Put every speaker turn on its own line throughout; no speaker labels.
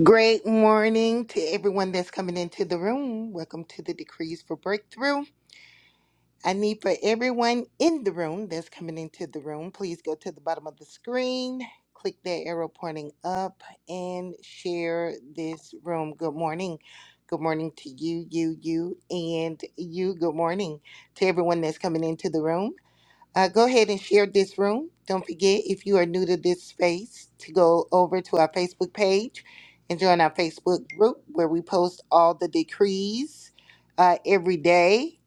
Great morning to everyone that's coming into the room. Welcome to the Decrees for Breakthrough. I need for everyone in the room that's coming into the room, please go to the bottom of the screen, click that arrow pointing up, and share this room. Good morning. Good morning to you, you, you, and you. Good morning to everyone that's coming into the room. Uh, go ahead and share this room. Don't forget, if you are new to this space, to go over to our Facebook page and join our Facebook group where we post all the decrees uh, every day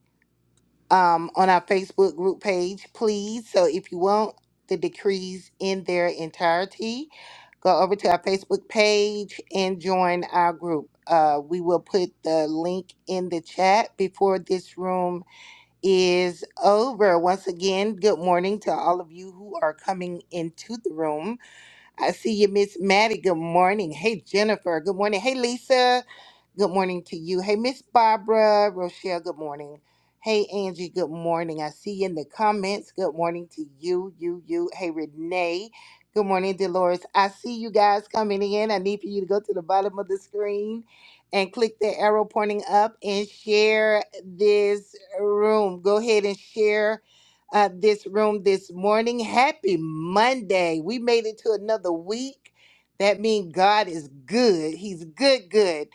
um, on our Facebook group page, please. So if you want the decrees in their entirety, go over to our Facebook page and join our group. Uh, we will put the link in the chat before this room is over. Once again, good morning to all of you who are coming into the room. I see you, Miss Maddie. Good morning. Hey, Jennifer. Good morning. Hey, Lisa. Good morning to you. Hey, Miss Barbara. Rochelle, good morning. Hey, Angie, good morning. I see you in the comments. Good morning to you, you, you. Hey, Renee. Good morning, Dolores. I see you guys coming in. I need for you to go to the bottom of the screen and click the arrow pointing up and share this room. Go ahead and share uh, this room this morning. Happy Monday. We made it to another week. That means God is good. He's good, good.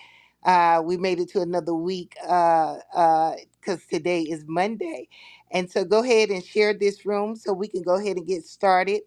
Uh, we made it to another week because uh, because today is Monday. And so go ahead and share this room so we can go ahead and get started.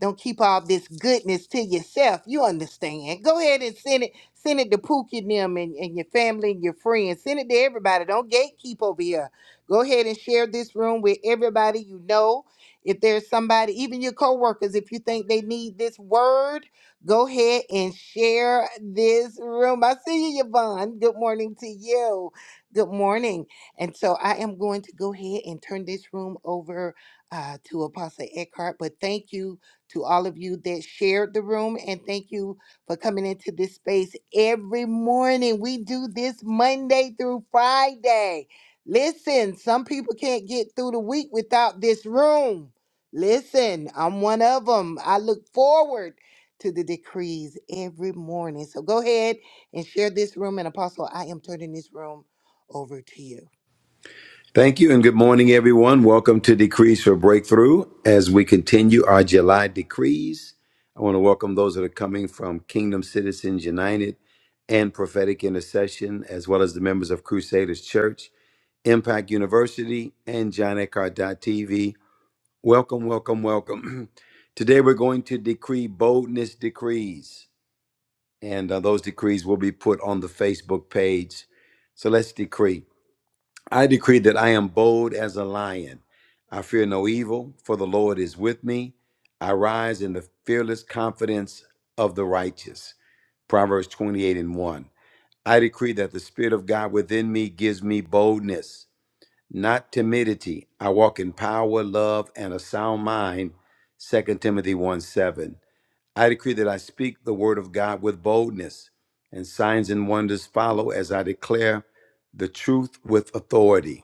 Don't keep all this goodness to yourself. You understand. Go ahead and send it. Send it to Pookie and them and, and your family and your friends. Send it to everybody. Don't gatekeep over here Go ahead and share this room with everybody you know. If there's somebody, even your coworkers, if you think they need this word, go ahead and share this room. I see you, Yvonne. Good morning to you. Good morning. And so I am going to go ahead and turn this room over uh, to Apostle Eckhart. But thank you to all of you that shared the room. And thank you for coming into this space every morning. We do this Monday through Friday. Listen, some people can't get through the week without this room. Listen, I'm one of them. I look forward to the decrees every morning. So go ahead and share this room. And Apostle, I am turning this room over to you.
Thank you and good morning, everyone. Welcome to Decrees for Breakthrough. As we continue our July decrees, I want to welcome those that are coming from Kingdom Citizens United and Prophetic Intercession, as well as the members of Crusaders Church, Impact University, and John TV. Welcome, welcome, welcome. Today we're going to decree boldness decrees, and uh, those decrees will be put on the Facebook page. So let's decree. I decree that I am bold as a lion. I fear no evil, for the Lord is with me. I rise in the fearless confidence of the righteous. Proverbs 28 and 1. I decree that the Spirit of God within me gives me boldness, not timidity. I walk in power, love, and a sound mind. 2 Timothy 1 7. I decree that I speak the word of God with boldness, and signs and wonders follow as I declare the truth with authority.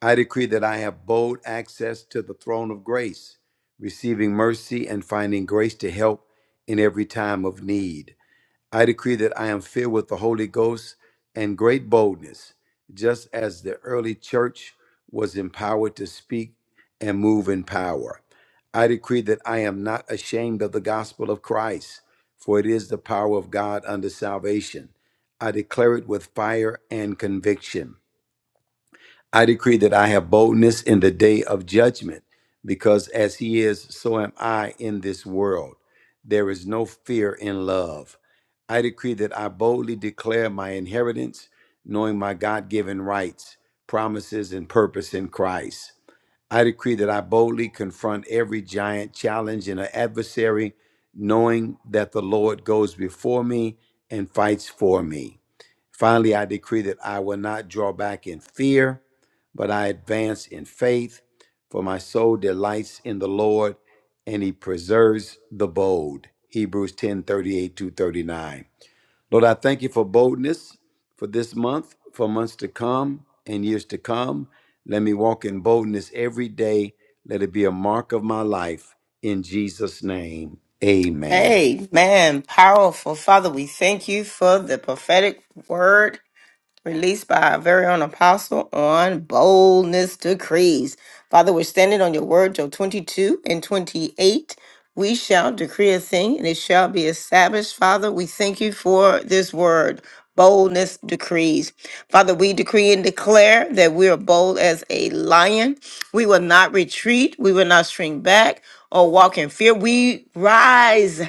I decree that I have bold access to the throne of grace, receiving mercy and finding grace to help in every time of need. I decree that I am filled with the Holy Ghost and great boldness, just as the early church was empowered to speak and move in power. I decree that I am not ashamed of the gospel of Christ, for it is the power of God unto salvation. I declare it with fire and conviction. I decree that I have boldness in the day of judgment, because as he is, so am I in this world. There is no fear in love. I decree that I boldly declare my inheritance, knowing my God given rights, promises, and purpose in Christ. I decree that I boldly confront every giant challenge and adversary, knowing that the Lord goes before me and fights for me. Finally, I decree that I will not draw back in fear, but I advance in faith, for my soul delights in the Lord, and he preserves the bold. Hebrews 10 38 to 39. Lord, I thank you for boldness for this month, for months to come, and years to come. Let me walk in boldness every day. Let it be a mark of my life. In Jesus' name, amen.
Amen. Powerful. Father, we thank you for the prophetic word released by our very own apostle on boldness decrees. Father, we're standing on your word, Job 22 and 28. We shall decree a thing and it shall be established. Father, we thank you for this word, boldness decrees. Father, we decree and declare that we are bold as a lion. We will not retreat. We will not shrink back or walk in fear. We rise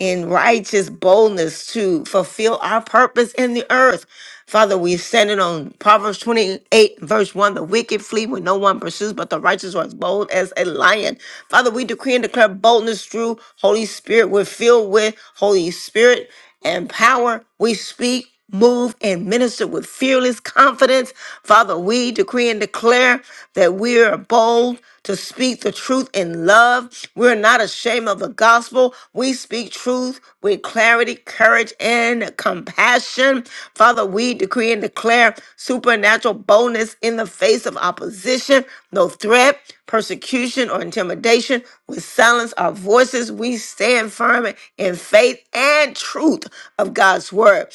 in righteous boldness to fulfill our purpose in the earth. Father, we stand it on Proverbs 28, verse 1. The wicked flee when no one pursues, but the righteous are as bold as a lion. Father, we decree and declare boldness through Holy Spirit. We're filled with Holy Spirit and power. We speak, move, and minister with fearless confidence. Father, we decree and declare that we are bold to speak the truth in love. We're not ashamed of the gospel. We speak truth with clarity, courage, and compassion. Father, we decree and declare supernatural boldness in the face of opposition, no threat, persecution, or intimidation. We silence our voices. We stand firm in faith and truth of God's word.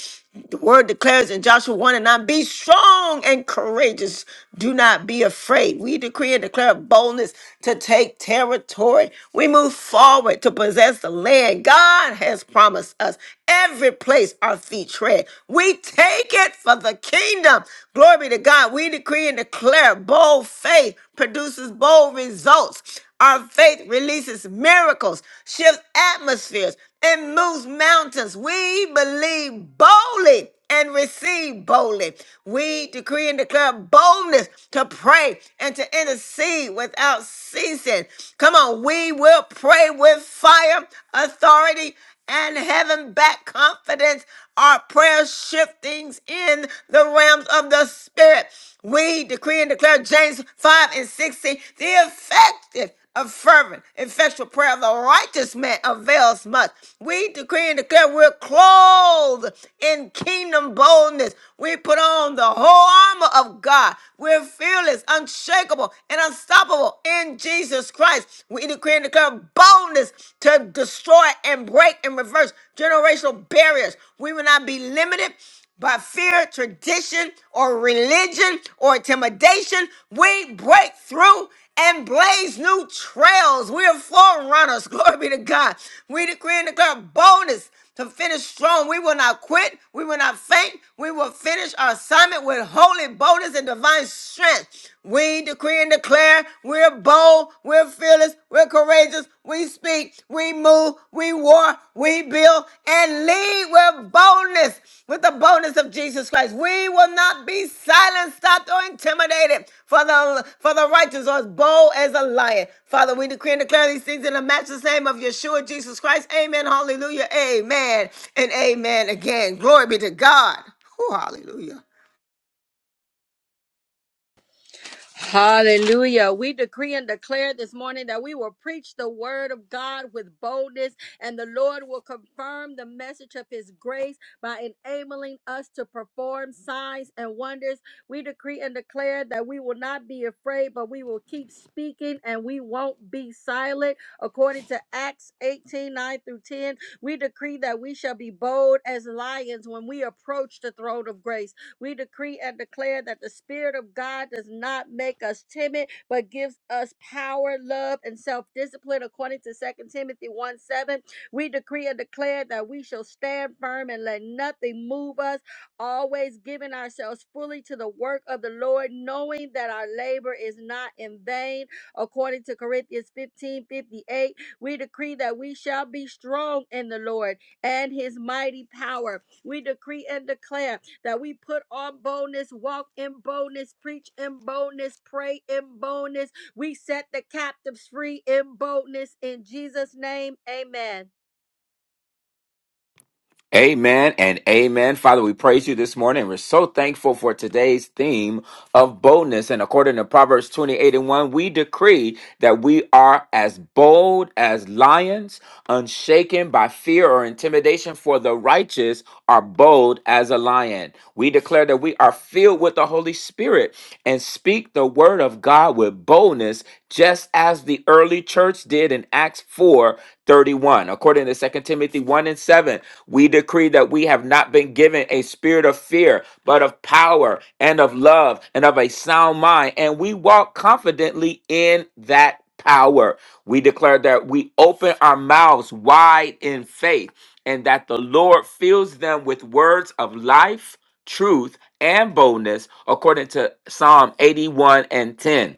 The word declares in Joshua 1 and 9 be strong and courageous. Do not be afraid. We decree and declare boldness to take territory. We move forward to possess the land God has promised us. Every place our feet tread, we take it for the kingdom. Glory be to God. We decree and declare bold faith produces bold results. Our faith releases miracles, shifts atmospheres, and moves mountains. We believe boldly and receive boldly. We decree and declare boldness to pray and to intercede without ceasing. Come on, we will pray with fire, authority, and heaven back confidence are prayer shiftings in the realms of the spirit. We decree and declare James 5 and 16, the effective of fervent, effectual prayer of the righteous man avails much. We decree and declare we're clothed in kingdom boldness. We put on the whole armor of God. We're fearless, unshakable, and unstoppable in Jesus Christ. We and decree, declare, and declare boldness to destroy and break and reverse generational barriers. We will not be limited by fear, tradition, or religion or intimidation. We break through and blaze new trails. We are forerunners. Glory be to God. We decree and declare boldness to finish strong. We will not quit. We will not faint. We will finish our assignment with holy boldness and divine strength. We decree and declare we're bold, we're fearless, we're courageous, we speak, we move, we war, we build, and lead with boldness with the boldness of Jesus Christ. We will not be silenced, stopped, or intimidated. For the for the righteous are as bold as a lion. Father, we decree and declare these things in the matchless name of Yeshua Jesus Christ. Amen. Hallelujah. Amen. And amen again. Glory be to God. Whew, hallelujah.
Hallelujah. We decree and declare this morning that we will preach the word of God with boldness, and the Lord will confirm the message of his grace by enabling us to perform signs and wonders. We decree and declare that we will not be afraid, but we will keep speaking and we won't be silent. According to Acts 18 9 through 10, we decree that we shall be bold as lions when we approach the throne of grace. We decree and declare that the Spirit of God does not make us timid, but gives us power, love, and self discipline, according to Second Timothy 1 7. We decree and declare that we shall stand firm and let nothing move us, always giving ourselves fully to the work of the Lord, knowing that our labor is not in vain, according to Corinthians fifteen fifty eight. We decree that we shall be strong in the Lord and his mighty power. We decree and declare that we put on boldness, walk in boldness, preach in boldness, pray in boldness. We set the captives free in boldness. In Jesus' name, amen.
Amen and amen. Father, we praise you this morning. We're so thankful for today's theme of boldness. And according to Proverbs 28 and 1, we decree that we are as bold as lions, unshaken by fear or intimidation, for the righteous are bold as a lion. We declare that we are filled with the Holy Spirit and speak the word of God with boldness, just as the early church did in Acts 4 31. According to Second Timothy 1 and 7, we decree that we have not been given a spirit of fear, but of power and of love and of a sound mind, and we walk confidently in that power. We declare that we open our mouths wide in faith and that the Lord fills them with words of life truth, and boldness, according to Psalm 81 and 10.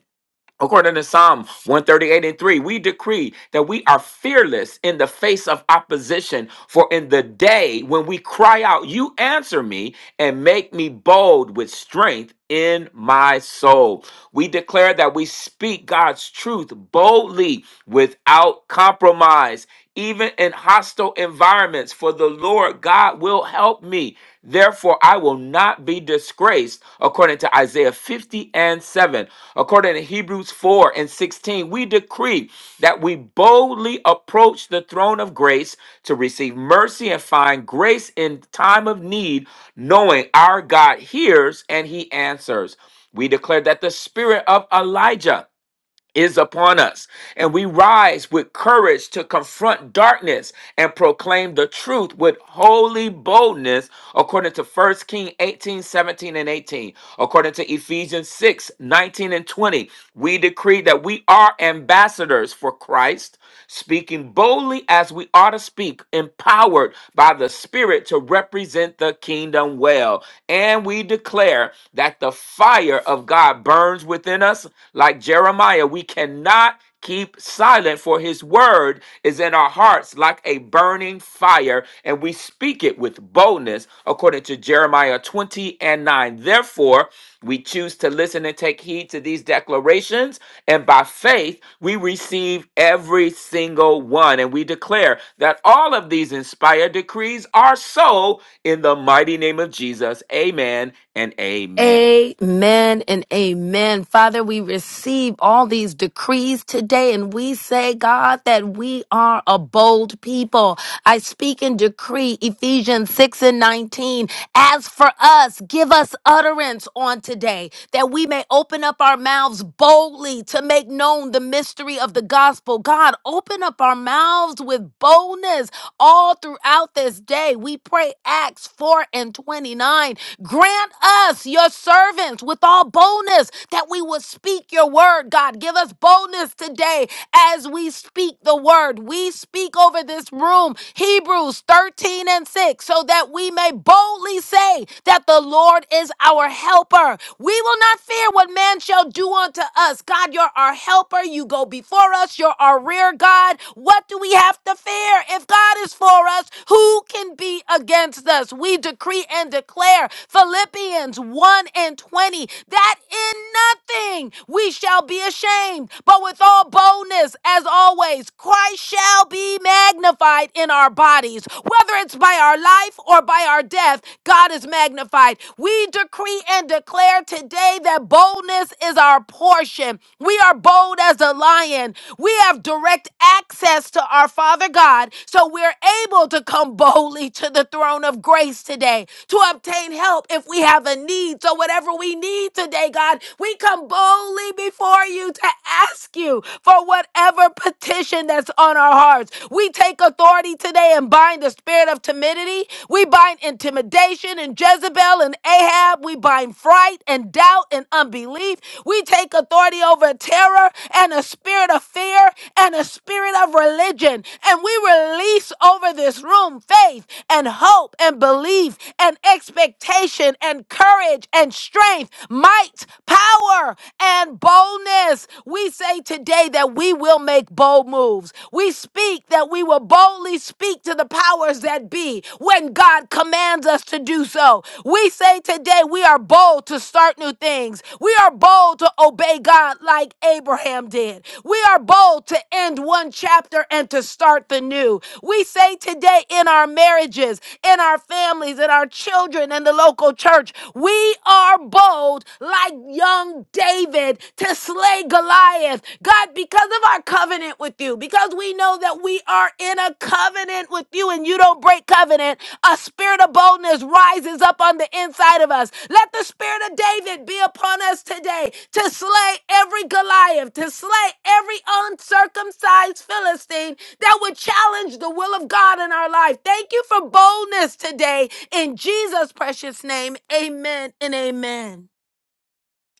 According to Psalm 138 and 3, we decree that we are fearless in the face of opposition. For in the day when we cry out, you answer me and make me bold with strength in my soul. We declare that we speak God's truth boldly without compromise even in hostile environments, for the Lord God will help me. Therefore, I will not be disgraced, according to Isaiah 50 and 7. According to Hebrews 4 and 16, we decree that we boldly approach the throne of grace to receive mercy and find grace in time of need, knowing our God hears and he answers. We declare that the spirit of Elijah is upon us, and we rise with courage to confront darkness and proclaim the truth with holy boldness, according to First King 18 17 and 18. According to Ephesians 6 19 and 20, we decree that we are ambassadors witness for Christ, speaking boldly as we ought to speak, empowered by the Spirit to represent the kingdom well. And we declare that the fire of God burns within us. Like Jeremiah, we cannot keep silent, for his word is in our hearts like a burning fire, and we speak it with boldness, according to Jeremiah 20 and 9. Therefore, we choose to listen and take heed to these declarations and by faith, we receive every single one. And we declare that all of these inspired decrees are so in the mighty name of Jesus. Amen and amen.
Amen and amen. Father, we receive all these decrees today and we say, God, that we are a bold people. I speak and decree Ephesians 6 and 19. As for us, give us utterance on today that we may open up our mouths boldly to make known the mystery of the gospel. God, open up our mouths with boldness all throughout this day. We pray Acts 4 and 29. Grant us, your servants, with all boldness that we will speak your word, God. Give us boldness today as we speak the word. We speak over this room, Hebrews 13 and 6, so that we may boldly say that the Lord is our helper. We will not fear what man shall do unto us. God, you're our helper. You go before us. You're our rear God. What do we have to fear? If God is for us, who can be against us? We decree decree and declare Philippians 1 and 20 that in nothing we shall be ashamed, but with all boldness, as always, Christ shall be magnified in our bodies. Whether it's by our life or by our death, God is magnified. We decree and declare today that boldness is our portion. We are bold as a lion. We have direct access to our Father God, so we're able to come boldly to the throne throne of grace today to obtain help if we have a need. So, whatever we need today, God, we come boldly before you to ask you for whatever petition that's on our hearts. We take authority today and bind the spirit of timidity. We bind intimidation and Jezebel and Ahab. We bind fright and doubt and unbelief. We take authority over terror and a spirit of fear and a spirit of religion. And we release over this room own faith and hope and belief and expectation and courage and strength, might, power, and boldness. We say today that we will make bold moves. We speak that we will boldly speak to the powers that be when God commands us to do so. We say today we are bold to start new things. We are bold to obey God like Abraham did. We are bold to end one chapter and to start the new. We say today in our marriages, in our families, in our children, in the local church, we are bold like young David to slay Goliath. God, because of our covenant with you, because we know that we are in a covenant with you and you don't break covenant, a spirit of boldness rises up on the inside of us. Let the spirit of David be upon us today to slay every Goliath, to slay every uncircumcised Philistine that would challenge the will of God in our life. Thank you for boldness today. In Jesus' precious name, amen and amen.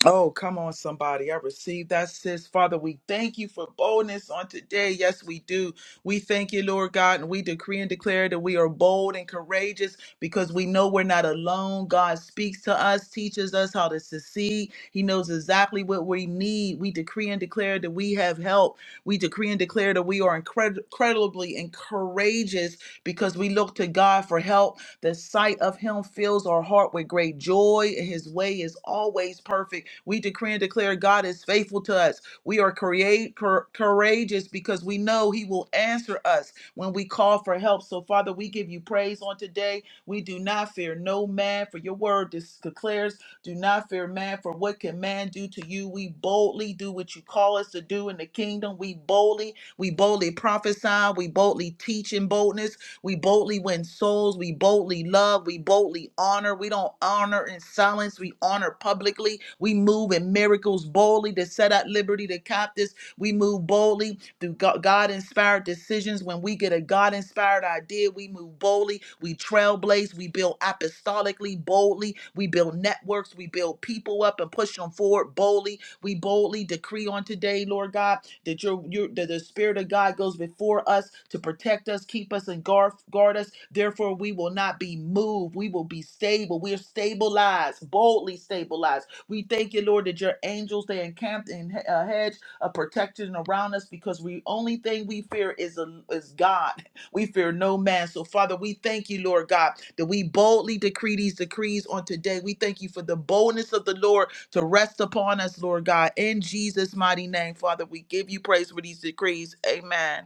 Oh, come on, somebody. I receive that, sis. Father, we thank you for boldness on today. Yes, we do. We thank you, Lord God, and we decree and declare that we are bold and courageous because we know we're not alone. God speaks to us, teaches us how to succeed. He knows exactly what we need. We decree and declare that we have help. We decree and declare that we are incred- incredibly and courageous because we look to God for help the sight of him fills our heart with great joy. and His way is always perfect. We decree and declare God is faithful to us. We are create, cour- courageous because we know he will answer us when we call for help. So, Father, we give you praise on today. We do not fear no man, for your word dis- declares, do not fear man, for what can man do to you? We boldly do what you call us to do in the kingdom. We boldly, we boldly prophesy, we boldly teach in boldness. We boldly win souls. We boldly love. We boldly honor. We don't honor in silence. We honor publicly. We move in miracles boldly to set at liberty the captives. We move boldly through God inspired decisions. When we get a God inspired idea, we move boldly. We trailblaze. We build apostolically boldly. We build networks. We build people up and push them forward boldly we boldly decree on today, Lord God, that your, your that the Spirit of God goes before us to protect us, keep us, and guard, guard us. Therefore, we will not be moved. We will be stable. We are stabilized, boldly stabilized. We thank you, Lord, that your angels they encamped in a hedge of protection around us because we only thing we fear is a, is God. We fear no man. So, Father, we thank you, Lord God, that we boldly decree these decrees on today. We thank you for the boldness of the Lord to rest upon us, Lord God. In Jesus' mighty name, Father, we give you praise for these decrees. Amen.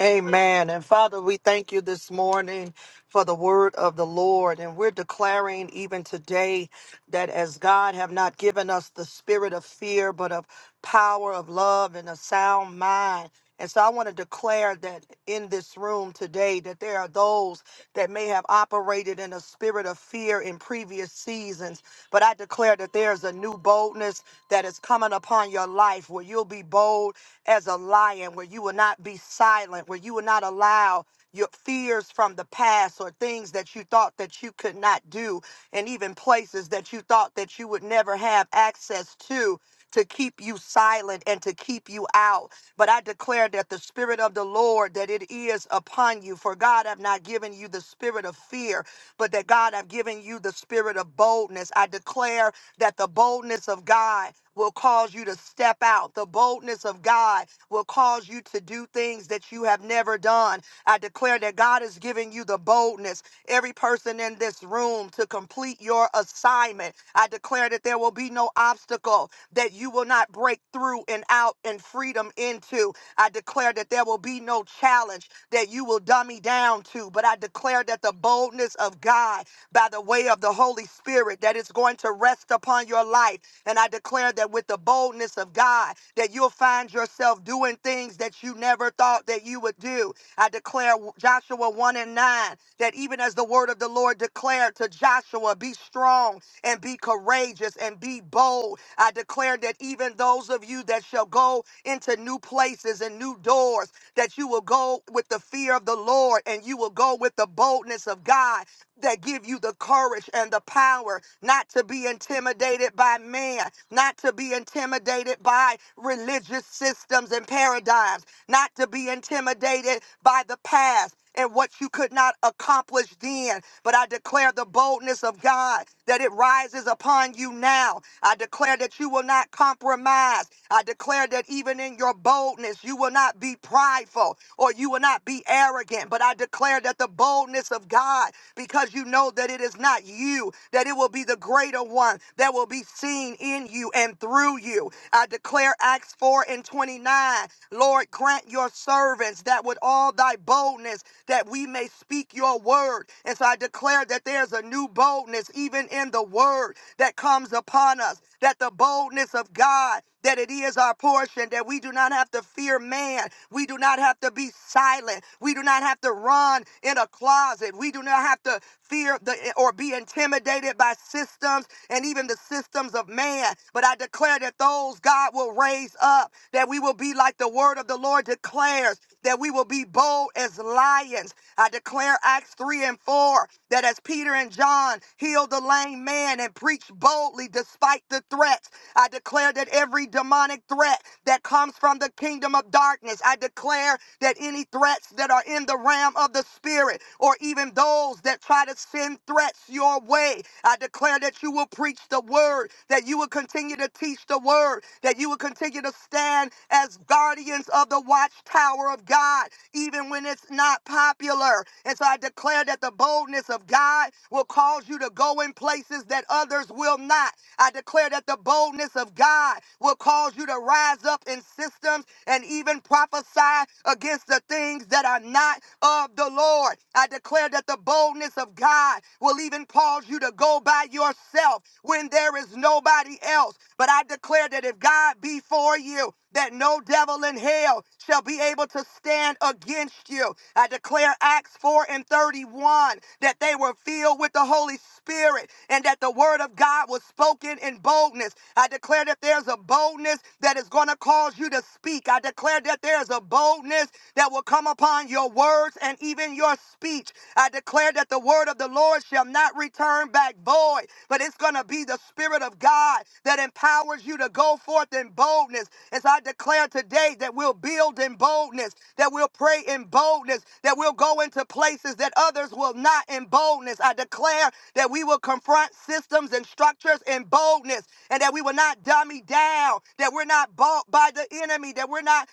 Amen. And Father, we thank you this morning for the word of the Lord. And we're declaring even today that as God have not given us the spirit of fear, but of power, of love, and a sound mind. And so I want to declare that in this room today that there are those that may have operated in a spirit of fear in previous seasons. But I declare that there's a new boldness that is coming upon your life where you'll be bold as a lion, where you will not be silent, where you will not allow your fears from the past or things that you thought that you could not do, and even places that you thought that you would never have access to, to keep you silent and to keep you out. But I declare that the Spirit of the Lord, that it is upon you. For God have not given you the spirit of fear, but that God have given you the spirit of boldness. I declare that the boldness of God will cause you to step out. The boldness of God will cause you to do things that you have never done. I declare that God is giving you the boldness, every person in this room, to complete your assignment. I declare that there will be no obstacle that you will not break through and out and freedom into. I declare that there will be no challenge that you will dummy down to, but I declare that the boldness of God by the way of the Holy Spirit that is going to rest upon your life. And I declare that with the boldness of God, that you'll find yourself doing things that you never thought that you would do. I declare Joshua 1 and 9 that even as the word of the Lord declared to Joshua, be strong and be courageous and be bold. I declare that even those of you that shall go into new places and new doors, that you will go with the fear of the Lord and you will go with the boldness of God that give you the courage and the power not to be intimidated by man, not to be intimidated by religious systems and paradigms, not to be intimidated by the past. And what you could not accomplish then. But I declare the boldness of God that it rises upon you now. I declare that you will not compromise. I declare that even in your boldness, you will not be prideful or you will not be arrogant. But I declare that the boldness of of God because you know that it is not you, that it will be the greater one that will be seen in you and through you. I declare Acts 4 and 29. Lord, grant your servants that with all thy boldness that we may speak your word. And so I declare that there's a new boldness even in the word that comes upon us that the boldness of God, that it is our portion, that we do not have to fear man. We do not have to be silent. We do not have to run in a closet. We do not have to fear the or be intimidated by systems and even the systems of man. But I declare that those God will raise up, that we will be like the word of the Lord declares, that we will be bold as lions. I declare Acts 3 and 4 4 that as Peter and John healed the lame man and preached boldly despite the threats, I declare that every demonic threat that comes from the kingdom of darkness, I declare that any threats that are in the realm of the spirit or even those that try to send threats your way, I declare that you will preach the word, that you will continue to teach the word, that you will continue to stand as guardians of the watchtower of God, even when it's not popular. And so I declare that the boldness of God will cause you to go in places that others will not. I declare that the boldness of God will cause you to rise up in systems and even prophesy against the things that are not of the Lord. I declare that the boldness of God will even cause you to go by yourself when there is nobody else. But I declare that if God be for you, that no devil in hell shall be able to stand against you. I declare Acts 4 and 31 that they were filled with the Holy Spirit and that the word of God was spoken in boldness. I declare that there's a boldness that is going to cause you to speak. I declare that there's a boldness that will come upon your words and even your speech. I declare that the word of the Lord shall not return back void, but it's going to be the Spirit of God that empowers you to go forth in boldness. As I declare today that we'll build in boldness, that we'll pray in boldness, that we'll go into places that others will not in boldness. I declare that we will confront systems and structures in boldness, and that we will not dummy down, that we're not bought by the enemy, that we're not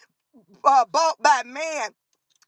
uh, bought by man,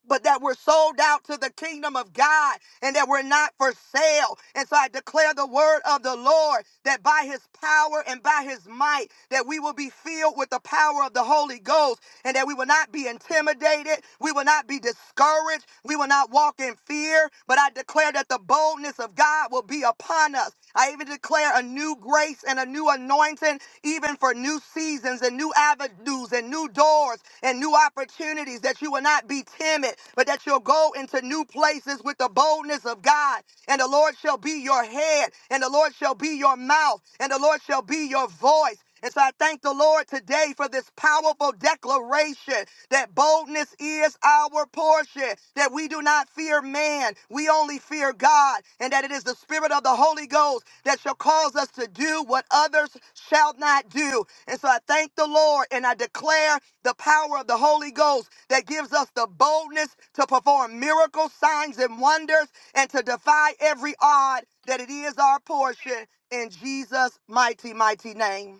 but that we're sold out to the kingdom of God and that we're not for sale. And so I declare the word of the Lord that by his power and by his might that we will be filled with the power of the Holy Ghost and that we will not be intimidated. We will not be discouraged. We will not walk in fear, but I declare that the boldness of God will be upon us. I even declare a new grace and a new anointing, even for new seasons and new avenues and new doors and new opportunities, that you will not be timid, but that you'll go into new places with the boldness of God. And the Lord shall be your head, and the Lord shall be your mouth, and the Lord shall be your voice. And so I thank the Lord today for this powerful declaration that boldness is our portion, that we do not fear man, we only fear God, and that it is the Spirit of the Holy Ghost that shall cause us to do what others shall not do. And so I thank the Lord and I declare the power of the Holy Ghost that gives us the boldness to perform miracles, signs, and wonders, and to defy every odd that it is our portion in Jesus' mighty, mighty name.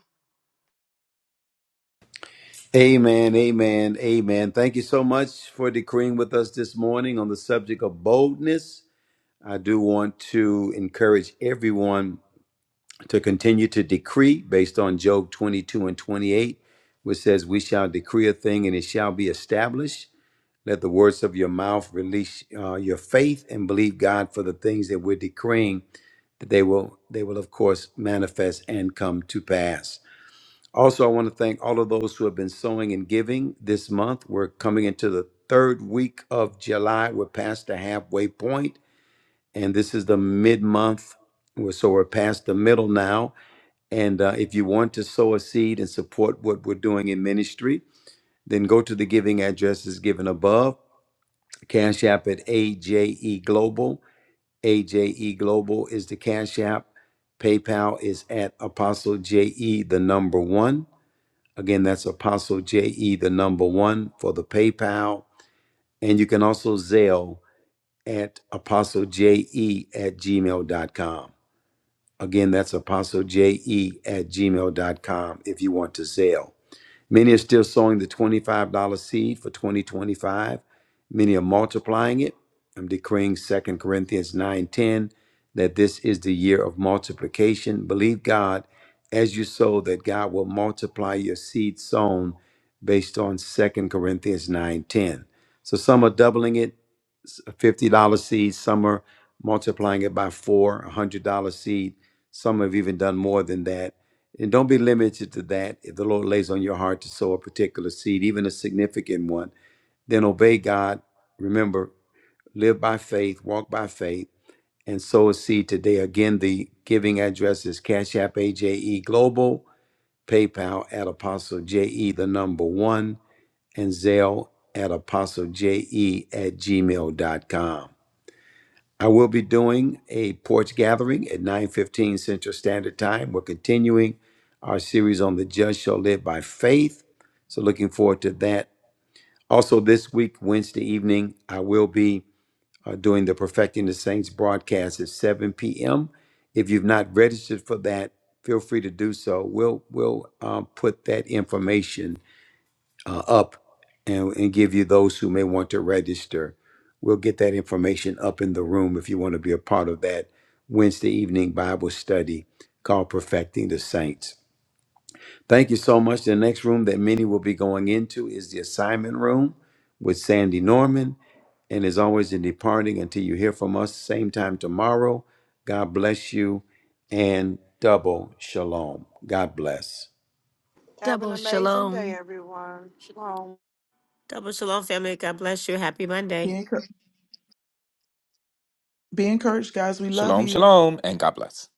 Amen, amen, amen. Thank you so much for decreeing with us this morning on the subject of boldness. I do want to encourage everyone to continue to decree based on Job 22 and 28, which says, We shall decree a thing and it shall be established. Let the words of your mouth release uh, your faith and believe God for the things that we're decreeing that they will they will of course manifest and come to pass. Also, I want to thank all of those who have been sowing and giving this month. We're coming into the third week of July. We're past the halfway point, and this is the mid month. We're, so we're past the middle now. And uh, if you want to sow a seed and support what we're doing in ministry, then go to the giving addresses given above. Cash App at AJE Global. AJE Global is the Cash App. PayPal is at Apostle JE, the number one. Again, that's Apostle JE, the number one for the PayPal. And you can also Zelle at apostlej.e at gmail.com. Again, that's apostlej.e at gmail.com if you want to Zelle. Many are still sowing the $25 seed for 2025. Many are multiplying it. I'm decreeing 2 Corinthians 9:10 that this is the year of multiplication. Believe God as you sow that God will multiply your seed sown based on 2 Corinthians 9:10. So some are doubling it, a $50 seed, some are multiplying it by 4, a $100 seed. Some have even done more than that and don't be limited to that. If the Lord lays on your heart to sow a particular seed, even a significant one, then obey God. Remember, live by faith, walk by faith, and sow a seed today. Again, the giving address is Cash App AJE Global, PayPal at Apostle JE, the number one, and Zelle at Apostle JE at gmail.com. I will be doing a porch gathering at 9:15 Central Standard Time. We're continuing our series on the just shall live by faith. So looking forward to that. Also this week Wednesday evening I will be uh, doing the Perfecting the Saints broadcast at 7 p.m. If you've not registered for that, feel free to do so. We'll we'll um, put that information uh, up and, and give you those who may want to register. We'll get that information up in the room if you want to be a part of that Wednesday evening Bible study called Perfecting the Saints. Thank you so much. The next room that many will be going into is the assignment room with Sandy Norman. And as always, in departing, until you hear from us, same time tomorrow, God bless you and double shalom. God bless.
Have an
Double
amazing
shalom.
day, everyone. Shalom.
Double shalom, family. God bless you. Happy
Be,
Monday.
encour- be encouraged, guys. We love
Shalom,
you.
shalom, and God bless.